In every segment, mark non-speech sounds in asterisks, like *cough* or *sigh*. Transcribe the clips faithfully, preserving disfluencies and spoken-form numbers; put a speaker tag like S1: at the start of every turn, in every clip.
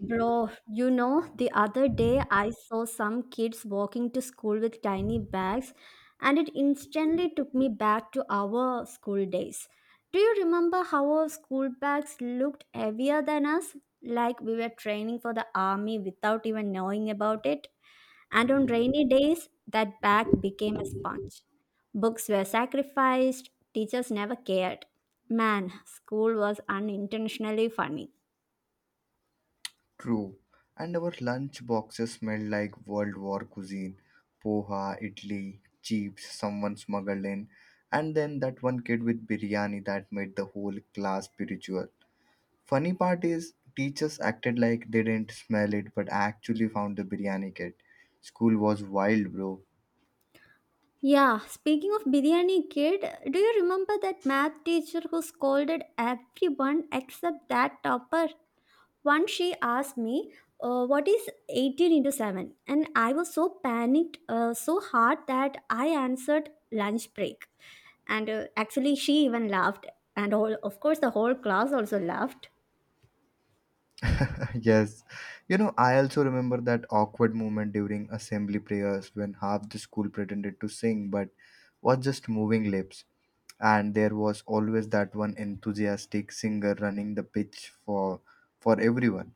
S1: Bro, you know, the other day I saw some kids walking to school with tiny bags, and it instantly took me back to our school days. Do you remember how our school bags looked heavier than us? Like we were training for the army without even knowing about it. And on rainy days, that bag became a sponge. Books were sacrificed, teachers never cared. Man, school was unintentionally funny.
S2: True. And our lunch boxes smelled like World War cuisine. Poha, idli, chips someone smuggled in. And then that one kid with biryani that made the whole class spiritual. Funny part is, teachers acted like they didn't smell it but actually found the biryani kit. School was wild, bro.
S1: Yeah, speaking of biryani kid, do you remember that math teacher who scolded everyone except that topper? Once she asked me, uh, what is eighteen into seven? And I was so panicked, uh, so hard that I answered lunch break. And uh, actually, she even laughed. And all, of course, the whole class also laughed.
S2: *laughs* Yes. You know, I also remember that awkward moment during assembly prayers when half the school pretended to sing but was just moving lips. And there was always that one enthusiastic singer running the pitch for for everyone.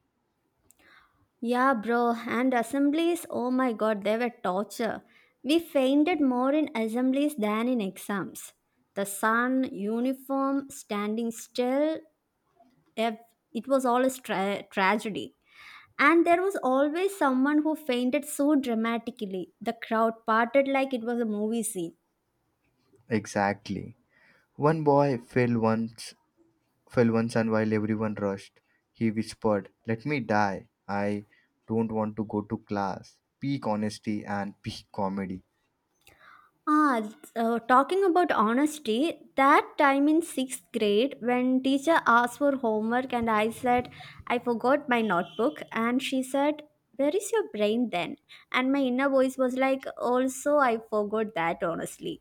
S1: Yeah, bro, and assemblies, oh my god, they were torture. We fainted more in assemblies than in exams. The sun, uniform, standing still, ev- it was all a tra- tragedy. And there was always someone who fainted so dramatically. The crowd parted like it was a movie scene.
S2: Exactly. One boy fell once fell once and while everyone rushed, he whispered, "Let me die. I don't want to go to class." Peak honesty and peak comedy.
S1: Ah, it's, uh, talking about honesty, that time in sixth grade when teacher asked for homework and I said I forgot my notebook and she said, "Where is your brain then?" And my inner voice was like, "Also, I forgot that honestly."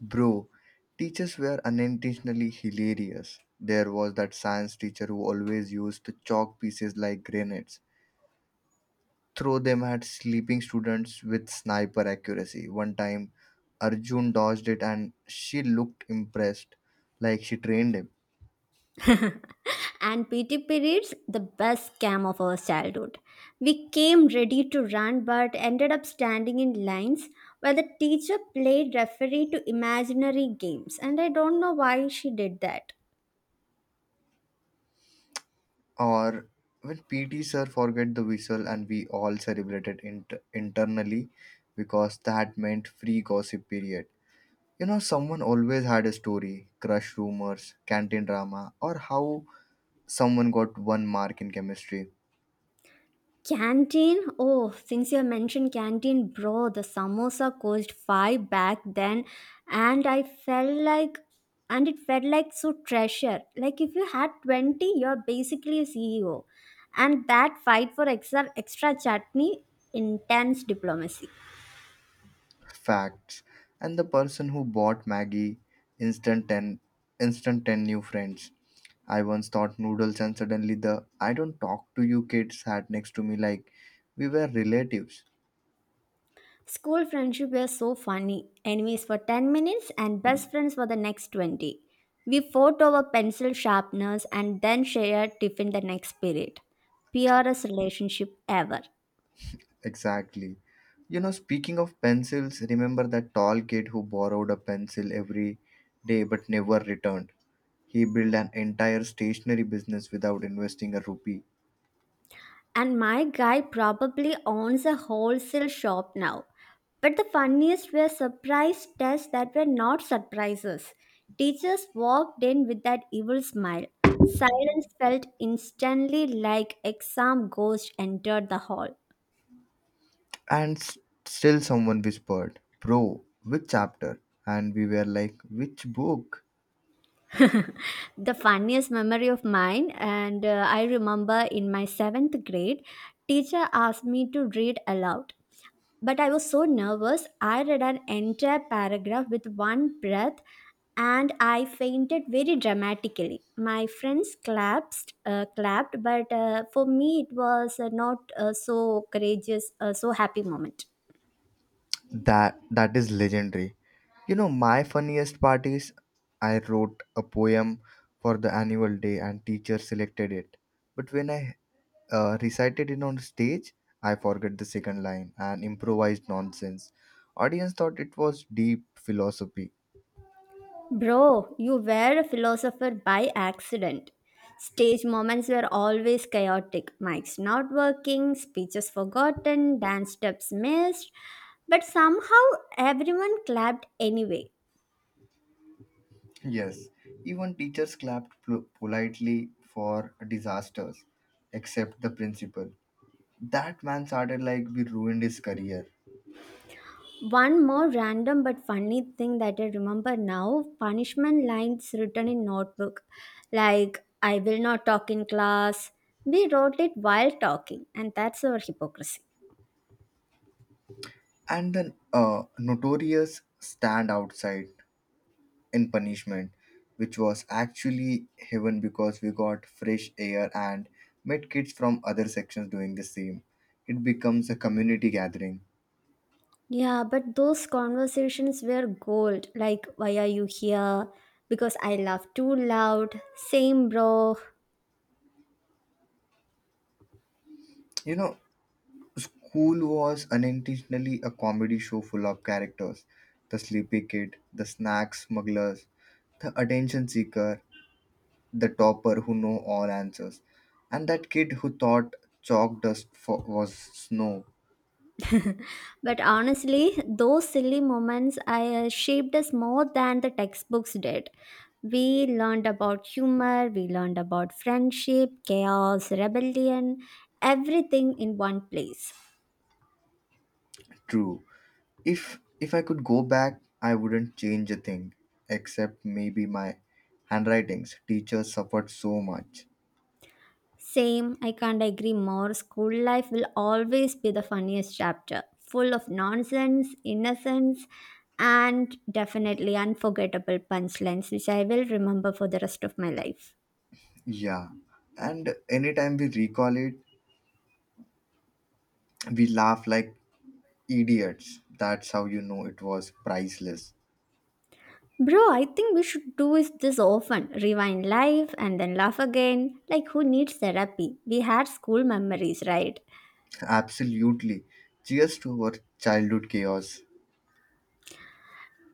S2: Bro, teachers were unintentionally hilarious. There was that science teacher who always used chalk pieces like grenades, throw them at sleeping students with sniper accuracy. One time, Arjun dodged it and she looked impressed, like she trained him.
S1: *laughs* And P T periods, the best scam of our childhood. We came ready to run but ended up standing in lines while the teacher played referee to imaginary games, and I don't know why she did that.
S2: Or when P T sir forget the whistle and we all celebrated inter- internally because that meant free gossip period. You know, someone always had a story, crush rumors, canteen drama, or how someone got one mark in chemistry,
S1: Canteen? Oh, since you mentioned canteen, bro, the samosa cost five back then, and I felt like, and it felt like so treasure. Like if you had twenty, you're basically a C E O, and that fight for extra extra chutney, intense diplomacy.
S2: facts, and the person who bought Maggie instant 10, instant ten new friends. I once thought noodles, and suddenly the "I don't talk to you" kid sat next to me like we were relatives.
S1: School friendship were so funny. Enemies for ten minutes and best friends for the next twenty. We fought over pencil sharpeners and then shared tiffin the next period. Purest relationship ever.
S2: Exactly. You know, speaking of pencils, remember that tall kid who borrowed a pencil every day but never returned? He built an entire stationery business without investing a rupee.
S1: And my guy probably owns a wholesale shop now. But the funniest were surprise tests that were not surprises. Teachers walked in with that evil smile. Silence felt instantly like exam ghost entered the hall.
S2: And s- Still, someone whispered, "Bro, which chapter?" And we were like, "Which book?"
S1: The funniest memory of mine and uh, I remember in my seventh grade teacher asked me to read aloud, but I was so nervous I read an entire paragraph with one breath, and I fainted very dramatically. My friends clapped uh, clapped but uh, for me it was uh, not uh, so courageous, uh, so happy moment.
S2: That That is legendary. You know, my funniest part is I wrote a poem for the annual day and teacher selected it. But when I uh, recited it on stage, I forgot the second line and improvised nonsense. Audience thought it was deep philosophy.
S1: Bro, you were a philosopher by accident. Stage moments were always chaotic. Mics not working, speeches forgotten, dance steps missed, but somehow everyone clapped anyway.
S2: Yes, even teachers clapped pol- politely for disasters, except the principal. That man started like we ruined his career.
S1: One more random but funny thing that I remember now, punishment lines written in notebook like I will not talk in class. We wrote it while talking, and that's our hypocrisy.
S2: And the uh, notorious stand outside in punishment, which was actually heaven because we got fresh air and met kids from other sections doing the same. It becomes a community gathering.
S1: Yeah, but those conversations were gold. Like, why are you here? Because I laugh too loud. Same, bro.
S2: You know, School was unintentionally a comedy show full of characters: the sleepy kid, the snack smugglers, the attention seeker, the topper who know all answers, and that kid who thought chalk dust fo- was snow.
S1: But honestly, those silly moments I uh, shaped us more than the textbooks did. We learned about humor, we learned about friendship, chaos, rebellion, everything in one place.
S2: True. If if I could go back, I wouldn't change a thing, except maybe my handwritings. Teachers suffered so much.
S1: Same, I can't agree more. School life will always be the funniest chapter, full of nonsense, innocence, and definitely unforgettable punchlines, which I will remember for the rest of my life.
S2: Yeah, and anytime we recall it, we laugh like Idiots. That's how you know it was priceless.
S1: Bro, I think we should do is this often. Rewind life and then laugh again. Like, who needs therapy? We had school memories, right?
S2: Absolutely. Cheers to our childhood chaos.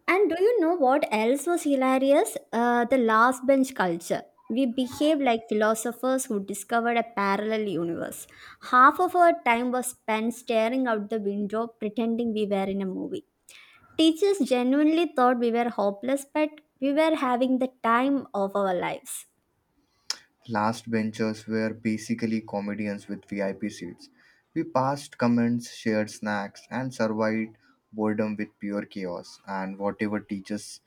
S1: And do you know what else was hilarious? Uh, the last bench culture. We behaved like philosophers who discovered a parallel universe. Half of our time was spent staring out the window, pretending we were in a movie. Teachers genuinely thought we were hopeless, but we were having the time of our lives.
S2: Last benchers were basically comedians with V I P seats. We passed comments, shared snacks, and survived boredom with pure chaos. And whatever teachers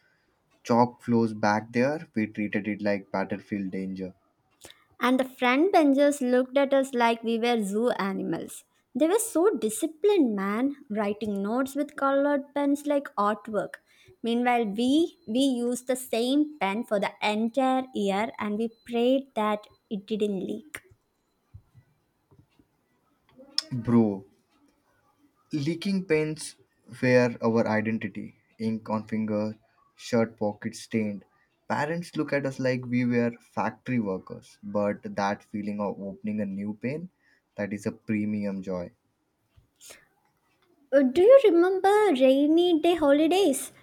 S2: chalk flows back there, we treated it like battlefield danger.
S1: And the front benchers looked at us like we were zoo animals. They were so disciplined, man, writing notes with colored pens like artwork. Meanwhile, we we used the same pen for the entire year and we prayed that it didn't leak.
S2: Bro, Leaking pens were our identity. Ink on finger, shirt pockets stained. Parents look at us like we were factory workers, but that feeling of opening a new pen, that is a premium joy.
S1: Uh, do you remember rainy day holidays?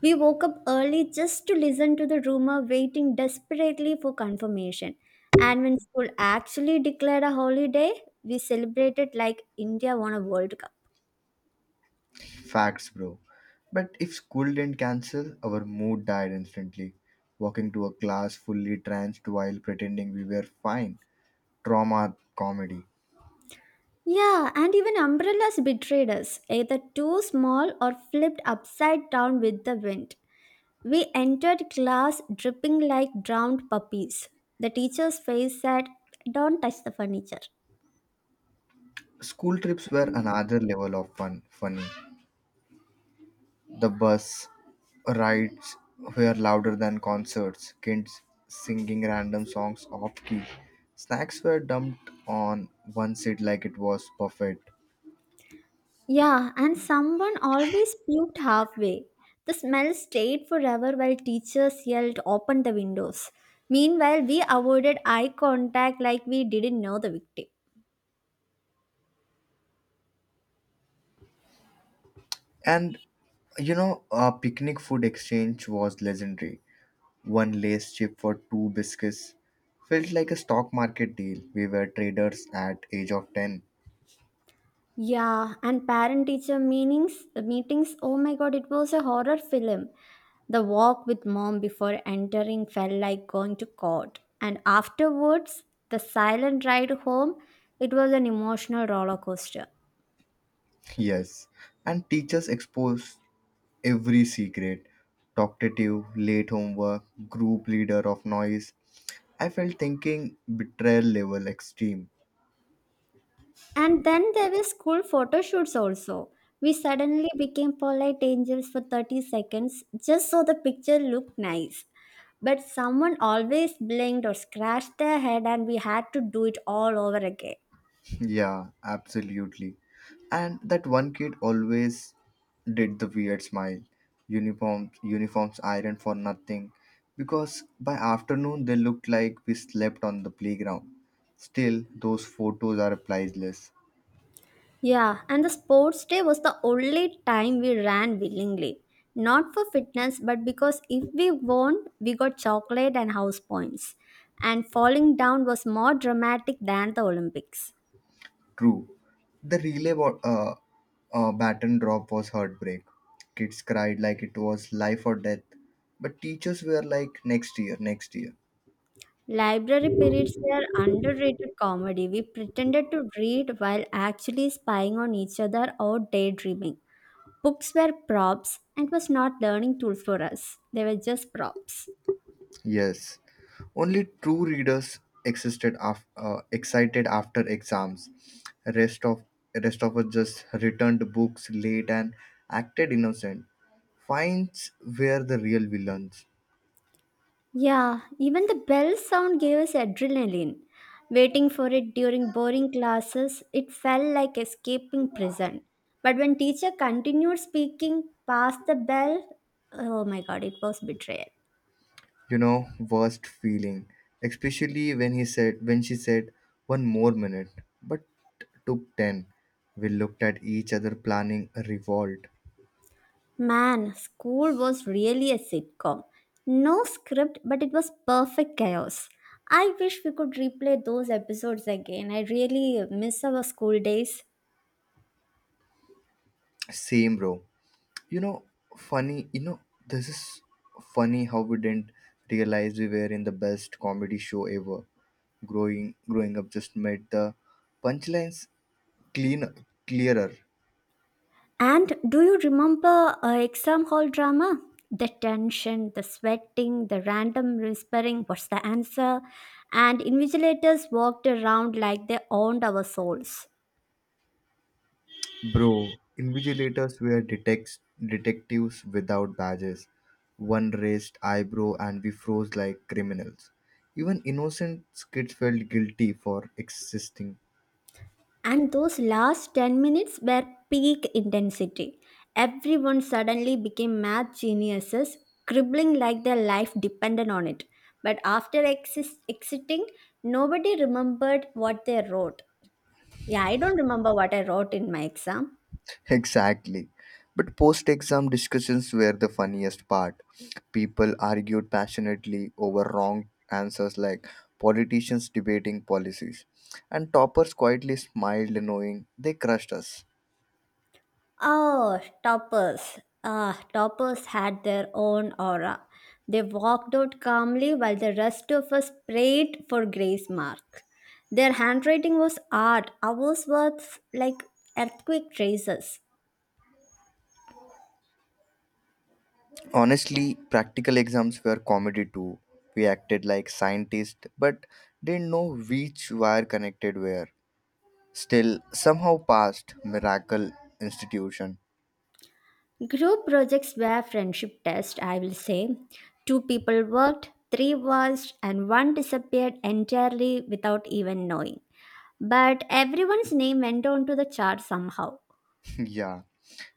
S1: We woke up early just to listen to the rumor, waiting desperately for confirmation. And when school actually declared a holiday, we celebrated like India won a World Cup.
S2: Facts, bro. But if school didn't cancel, our mood died instantly. Walking to a class fully tranced while pretending we were fine. Trauma comedy.
S1: Yeah, and even umbrellas betrayed us, either too small or flipped upside down with the wind. We entered class dripping like drowned puppies. The teacher's face said, "Don't touch the furniture."
S2: School trips were another level of fun, funny. The bus rides were louder than concerts, kids singing random songs off key. Snacks were dumped on one seat like it was buffet.
S1: Yeah, and someone always puked halfway. The smell stayed forever while teachers yelled, "Open the windows." Meanwhile, we avoided eye contact like we didn't know the victim.
S2: And you know, a picnic food exchange was legendary. One lace chip for two biscuits felt like a stock market deal. We were traders at age of ten.
S1: Yeah, and parent teacher meetings, meetings, oh my god, it was a horror film. The walk with mom before entering felt like going to court. And afterwards, the silent ride home, it was an emotional roller coaster.
S2: Yes. And teachers exposed every secret. Talkative, late homework, group leader of noise, I felt thinking betrayal level extreme.
S1: And then there were school photo shoots also. We suddenly became polite angels for thirty seconds just so the picture looked nice. But someone always blinked or scratched their head, and we had to do it all over again.
S2: Yeah, absolutely. And that one kid always did the weird smile. Uniforms, uniforms ironed for nothing, because by afternoon they looked like we slept on the playground. Still, those photos are priceless.
S1: Yeah, and the sports day was the only time we ran willingly. Not for fitness, but because if we won, we got chocolate and house points. And falling down was more dramatic than the Olympics.
S2: True, the relay wa- uh, uh, baton drop was heartbreak. Kids cried like it was life or death, but teachers were like, "next year, next year".
S1: Library periods were underrated comedy. We pretended to read while actually spying on each other or daydreaming. Books were props and was not learning tool for us. They were just props.
S2: Yes, only true readers existed af- uh, excited after exams. Rest of rest of us just returned books late and acted innocent. Finds were the real villains.
S1: Yeah, even the bell sound gave us adrenaline. Waiting for it during boring classes, it felt like escaping prison. But when teacher continued speaking past the bell, oh my god, it was betrayal.
S2: You know, worst feeling, especially when he said when she said "one more minute," but took ten. We looked at each other, planning a revolt.
S1: Man, school was really a sitcom. No script, but it was perfect chaos. I wish we could replay those episodes again. I really miss our school days.
S2: Same row. You know, funny, you know, this is funny how we didn't realize we were in the best comedy show ever. Growing growing up just made the punchlines clean clearer.
S1: And do you remember uh, exam hall drama? The tension, the sweating, the random whispering, what's the answer? And invigilators walked around like they owned our souls.
S2: Bro, invigilators were detects detectives without badges. One raised eyebrow and we froze like criminals. Even innocent kids felt guilty for existing.
S1: And those last ten minutes were peak intensity. Everyone suddenly became math geniuses, scribbling like their life depended on it. But after exis- exiting, nobody remembered what they wrote. Yeah, I don't remember what I wrote in my exam.
S2: Exactly. But post exam discussions were the funniest part. People argued passionately over wrong answers like politicians debating policies. And toppers quietly smiled, knowing they crushed us.
S1: Oh, toppers. Ah, toppers had their own aura. They walked out calmly while the rest of us prayed for grace mark. Their handwriting was art, ours was like earthquake traces.
S2: Honestly, practical exams were comedy too. We acted like scientists but didn't know which wire connected where. Still, somehow passed. Miracle institution.
S1: Group projects were friendship tests, I will say. Two people worked, three watched, and one disappeared entirely without even knowing. But everyone's name went on to the chart somehow.
S2: *laughs* Yeah.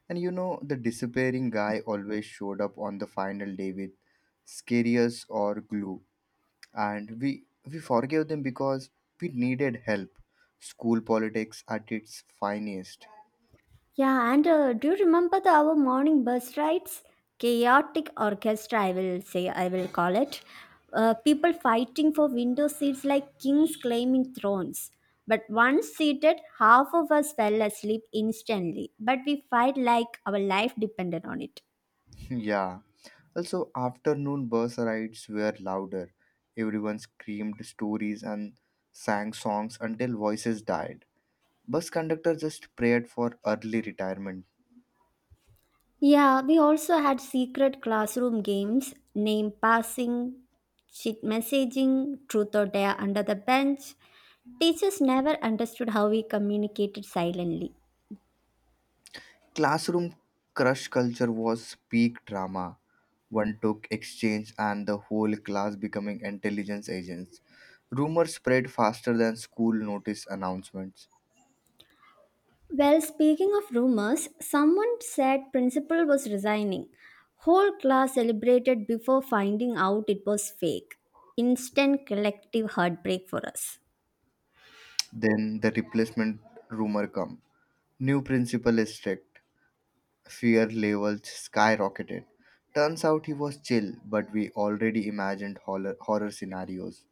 S2: And you know, the disappearing guy always showed up on the final day with scarius or glue. And we we forgave them because we needed help. School politics at its finest.
S1: Yeah, and uh, do you remember the our morning bus rides? Chaotic orchestra, I will say, I will call it. Uh, people fighting for window seats like kings claiming thrones. But once seated, half of us fell asleep instantly. But we fight like our life depended on it.
S2: *laughs* Yeah. Also afternoon bus rides were louder. Everyone screamed stories and sang songs until voices died. Bus conductor just prayed for early retirement.
S1: Yeah, we also had secret classroom games, name passing, cheat messaging, truth or dare under the bench. Teachers never understood how we communicated silently.
S2: Classroom crush culture was peak drama. One took exchange and the whole class becoming intelligence agents. Rumors spread faster than school notice announcements.
S1: Well, speaking of rumors, someone said principal was resigning. Whole class celebrated before finding out it was fake. Instant collective heartbreak for us.
S2: Then the replacement rumor come. New principal is strict. Fear levels skyrocketed. Turns out he was chill, but we already imagined horror, horror scenarios.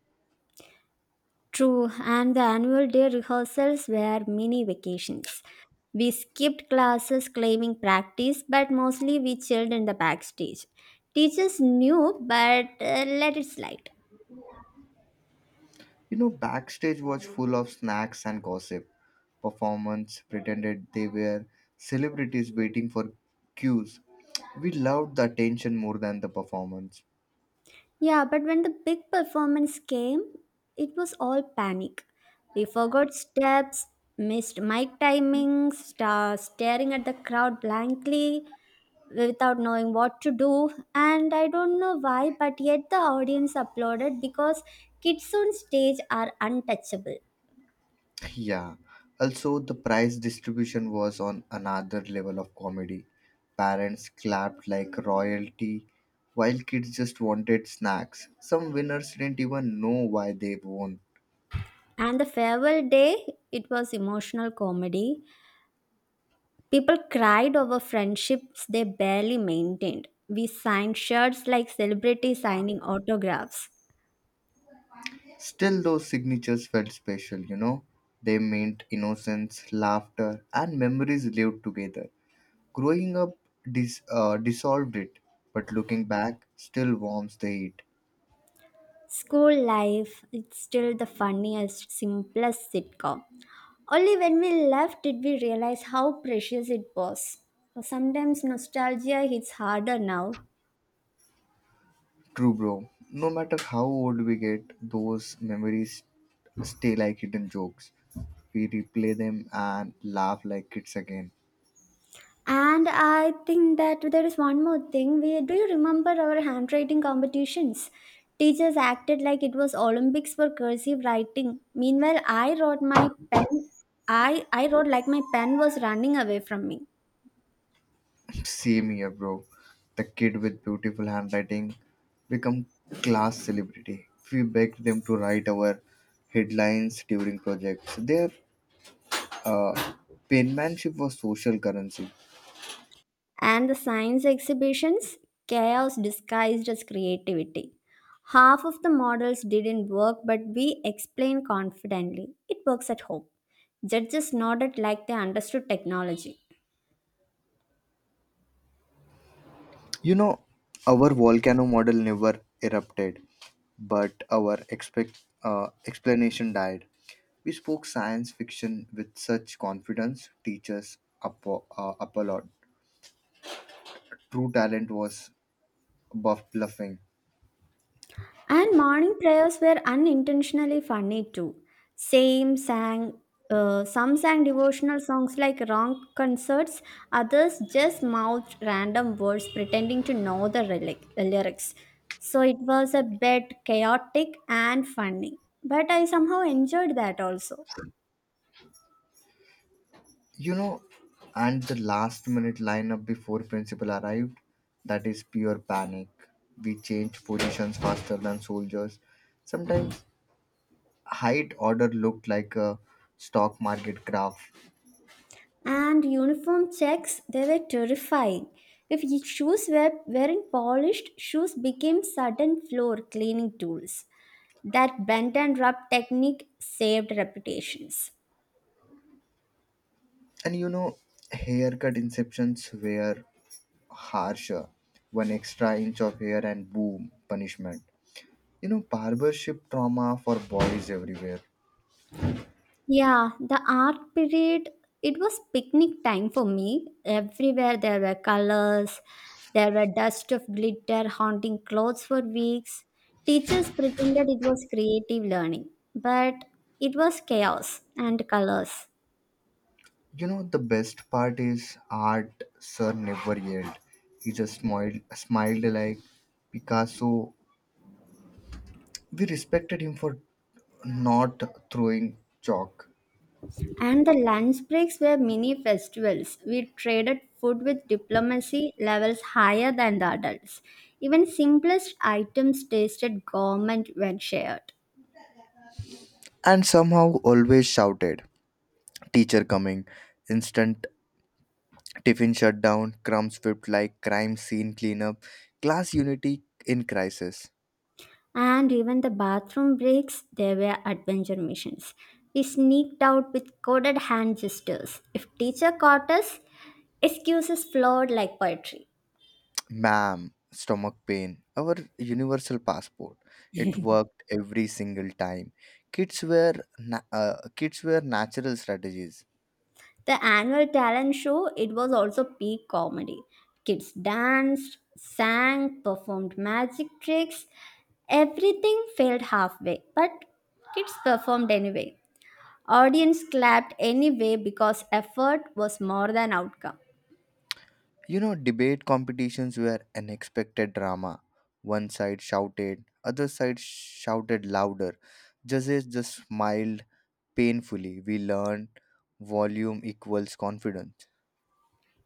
S1: True, and the annual day rehearsals were mini vacations. We skipped classes claiming practice, but mostly we chilled in the backstage. Teachers knew, but uh, let it slide.
S2: You know, backstage was full of snacks and gossip. Performance pretended they were celebrities waiting for cues. We loved the attention more than the performance.
S1: Yeah, but when the big performance came, it was all panic. We forgot steps, missed mic timings, star staring at the crowd blankly without knowing what to do. And I don't know why, but yet the audience applauded because kids on stage are untouchable.
S2: Yeah. Also, the prize distribution was on another level of comedy. Parents clapped like royalty, while kids just wanted snacks. Some winners didn't even know why they won.
S1: And the farewell day, it was emotional comedy. People cried over friendships they barely maintained. We signed shirts like celebrities signing autographs.
S2: Still, those signatures felt special, you know. They meant innocence, laughter, and memories lived together. Growing up dis- uh, dissolved it, but looking back still warms the heat.
S1: School life, it's still the funniest, simplest sitcom. Only when we left did we realize how precious it was. Sometimes nostalgia hits harder now.
S2: True, bro. No matter how old we get, those memories stay like hidden jokes. We replay them and laugh like kids again.
S1: And I think that there is one more thing. We Do you remember our handwriting competitions? Teachers acted like it was Olympics for cursive writing. Meanwhile, I wrote my pen. I I wrote like my pen was running away from me.
S2: Same here, bro. The kid with beautiful handwriting become class celebrity. We begged them to write our headlines during projects. Their uh, penmanship was social currency.
S1: And the science exhibitions, chaos disguised as creativity. Half of the models didn't work, but we explained confidently. It works at home. Judges nodded like they understood technology.
S2: You know, our volcano model never erupted, but our expect uh, explanation died. We spoke science fiction with such confidence. Teachers applaud. Uh, applaud. True talent was buff bluffing.
S1: And morning prayers were unintentionally funny too. Same sang, uh, some sang devotional songs like wrong concerts, others just mouthed random words pretending to know the relic- lyrics. So it was a bit chaotic and funny, but I somehow enjoyed that also.
S2: You know, and the last minute lineup before principal arrived, that is pure panic. We changed positions faster than soldiers. Sometimes height order looked like a stock market graph.
S1: And uniform checks, they were terrifying. If ye- Shoes were wearing, polished shoes became sudden floor cleaning tools. That bend and rub technique saved reputations.
S2: And you know, haircut inceptions were harsher. One extra inch of hair and boom, punishment. You know, barbership trauma for boys everywhere.
S1: Yeah, the art period, it was picnic time for me. Everywhere there were colors, there were dust of glitter haunting clothes for weeks. Teachers pretended it was creative learning, but it was chaos and colors.
S2: You know, the best part is art, sir, never yelled. He just smiled, smiled like Picasso. We respected him for not throwing chalk.
S1: And the lunch breaks were mini festivals. We traded food with diplomacy levels higher than the adults. Even simplest items tasted gourmet when shared.
S2: And somehow always shouted, "Teacher coming." Instant tiffin shut down, crumbs whipped like crime scene cleanup, class unity in crisis.
S1: And even the bathroom breaks, they were adventure missions. We sneaked out with coded hand gestures. If teacher caught us, excuses flowed like poetry.
S2: Ma'am, stomach pain, our universal passport. It worked every single time. Kids were na- uh, kids were natural strategies.
S1: The annual talent show, it was also peak comedy. Kids danced, sang, performed magic tricks. Everything failed halfway, but kids performed anyway. Audience clapped anyway because effort was more than outcome.
S2: You know, debate competitions were unexpected drama. One side shouted, other side shouted louder. Judges just smiled painfully. We learned volume equals confidence.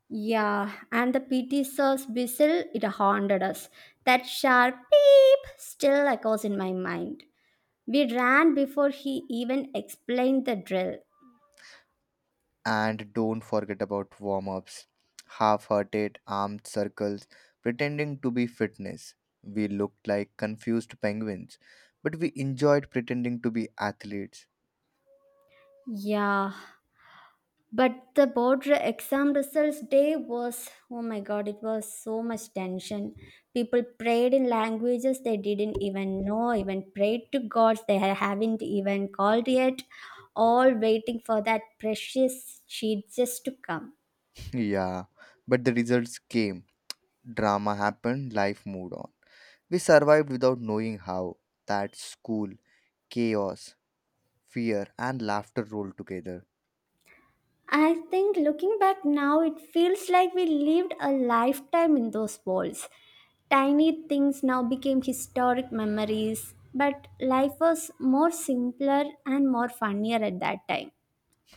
S1: Yeah, and the P T sir's whistle, it haunted us. That sharp beep still echoes in my mind. We ran before he even explained the drill.
S2: And don't forget about warm ups, half hearted armed circles, pretending to be fitness. We looked like confused penguins, but we enjoyed pretending to be athletes.
S1: Yeah, but the board re- exam results day was, oh my god, it was so much tension. People prayed in languages they didn't even know, even prayed to gods they ha- haven't even called yet, all waiting for that precious sheet just to come.
S2: *laughs* Yeah, but the results came. Drama happened, life moved on. We survived without knowing how. That school, chaos, fear, and laughter rolled together.
S1: I think looking back now, it feels like we lived a lifetime in those walls. Tiny things now became historic memories, but life was more simpler and more funnier at that time.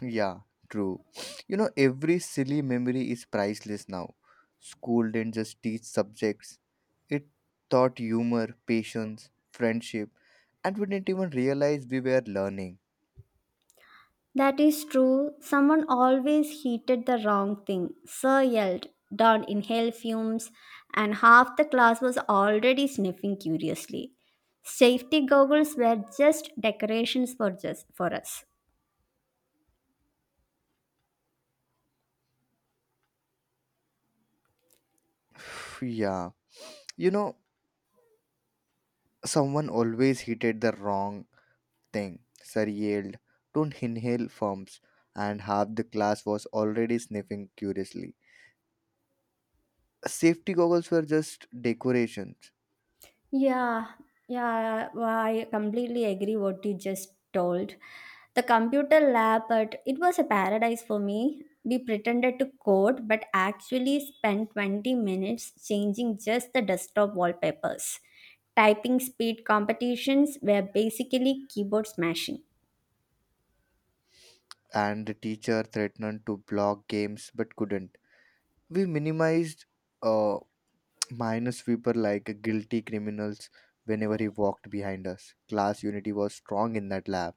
S2: Yeah, true. You know, every silly memory is priceless now. School didn't just teach subjects, it taught humor, patience, friendship, and we didn't even realize we were learning.
S1: That is true. Someone always heated the wrong thing. Sir yelled, Don inhaled fumes, and half the class was already sniffing curiously. Safety goggles were just decorations for, just, for us.
S2: *sighs* Yeah. You know, someone always hated the wrong thing. Sir yelled, "Don't inhale fumes," and half the class was already sniffing curiously. Safety goggles were just decorations,
S1: Yeah, yeah, well, I completely agree what you just told. The computer lab, but it was a paradise for me. We pretended to code, but actually spent twenty minutes changing just the desktop wallpapers. Typing speed competitions were basically keyboard smashing.
S2: and the teacher threatened to block games but couldn't. We minimized uh, minor sweeper like guilty criminals whenever he walked behind us. Class unity was strong in that lab.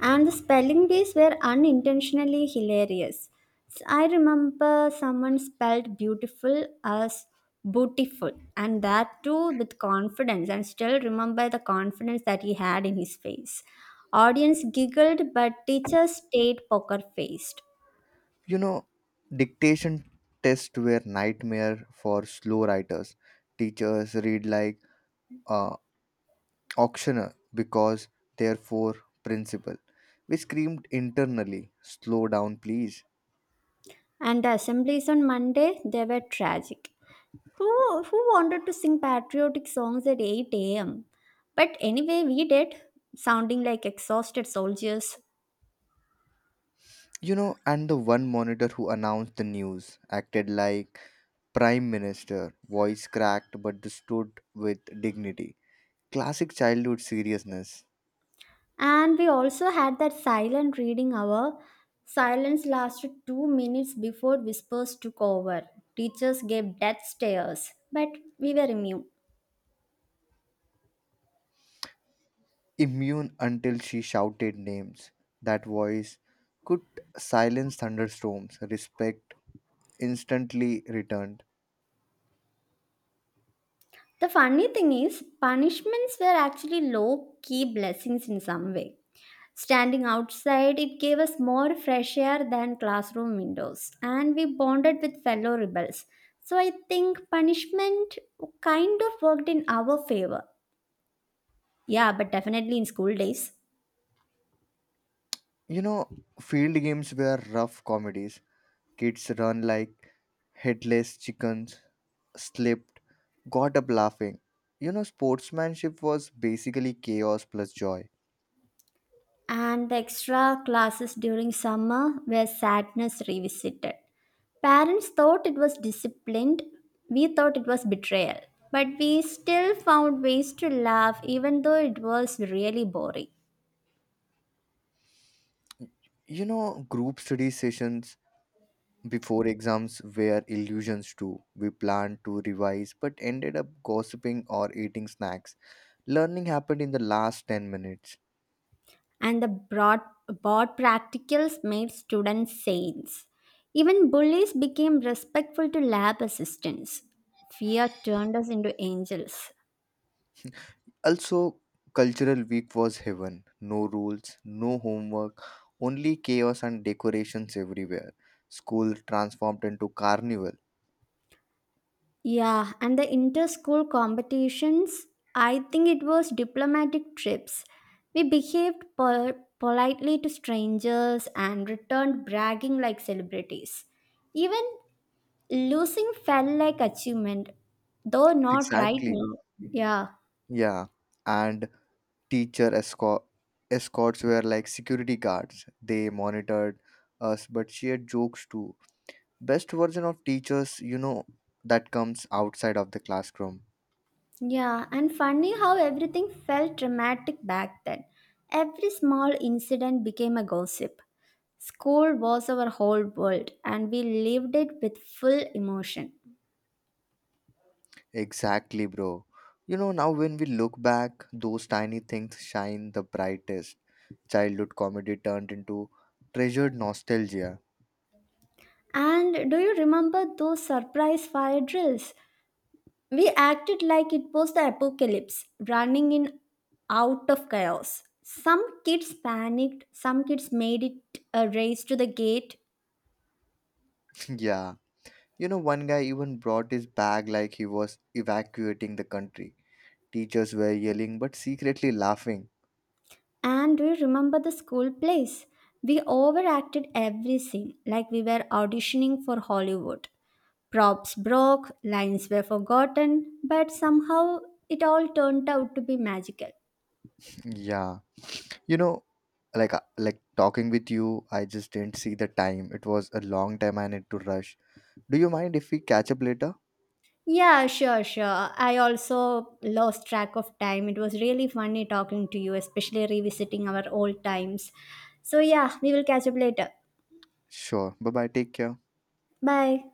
S1: And the spelling bees were unintentionally hilarious. S- I remember someone spelled beautiful as bootiful, and that too with confidence, and still remember the confidence that he had in his face. Audience giggled, but teachers stayed poker faced.
S2: You know, dictation tests were nightmare for slow writers. Teachers read like uh, auctioneer because therefore principal. We screamed internally, "slow down please."
S1: And the assemblies on Monday, they were tragic. Who, who wanted to sing patriotic songs at eight a m? But anyway, we did, sounding like exhausted soldiers.
S2: You know, and the one monitor who announced the news acted like prime minister, voice cracked but stood with dignity. Classic childhood seriousness.
S1: And we also had that silent reading hour. Silence lasted two minutes before whispers took over. Teachers gave death stares, but we were immune.
S2: Immune until she shouted names. That voice could silence thunderstorms. Respect instantly returned.
S1: The funny thing is, punishments were actually low key blessings in some way. Standing outside, it gave us more fresh air than classroom windows, and we bonded with fellow rebels. So I think punishment kind of worked in our favor. Yeah, but definitely in school days.
S2: You know, field games were rough comedies. Kids run like headless chickens, slip got up laughing. You know, sportsmanship was basically chaos plus joy.
S1: And the extra classes during summer where sadness revisited. Parents thought it was disciplined, we thought it was betrayal. But we still found ways to laugh even though it was really boring.
S2: You know, group study sessions before exams were illusions too. We planned to revise but ended up gossiping or eating snacks. Learning happened in the last ten minutes.
S1: And the broad, board practicals made students saints. Even bullies became respectful to lab assistants. Fear turned us into angels.
S2: Also, cultural week was heaven. No rules, no homework, only chaos and decorations everywhere. School transformed into carnival.
S1: Yeah, and the inter school competitions, I think it was diplomatic trips. We behaved pol- politely to strangers and returned bragging like celebrities. Even losing felt like achievement, though not right
S2: Exactly.
S1: now. Yeah,
S2: Yeah. And teacher escort escorts were like security guards. They monitored us but shared jokes too. Best version of teachers, you know, that comes outside of the classroom.
S1: yeah, and funny how everything felt dramatic back then. Every small incident became a gossip. School was our whole world, and we lived it with full emotion.
S2: Exactly, bro. You know, now when we look back, those tiny things shine the brightest. Childhood comedy turned into treasured nostalgia.
S1: And do you remember those surprise fire drills? We acted like it was the apocalypse, running in out of chaos. Some kids panicked, some kids made it a race to the gate.
S2: *laughs* Yeah. You know, one guy even brought his bag like he was evacuating the country. Teachers were yelling but secretly laughing.
S1: And do you remember the school plays? We overacted every scene, like we were auditioning for Hollywood. Props broke, lines were forgotten, but somehow it all turned out to be magical.
S2: *laughs* Yeah. You know, like uh, like talking with you, I just didn't see the time. It was a long time. I need to rush. Do you mind if we catch up later?
S1: Yeah, sure, sure. I also lost track of time. It was really funny talking to you, especially revisiting our old times. So, yeah, we will catch up later.
S2: Sure, bye bye, take care.
S1: Bye.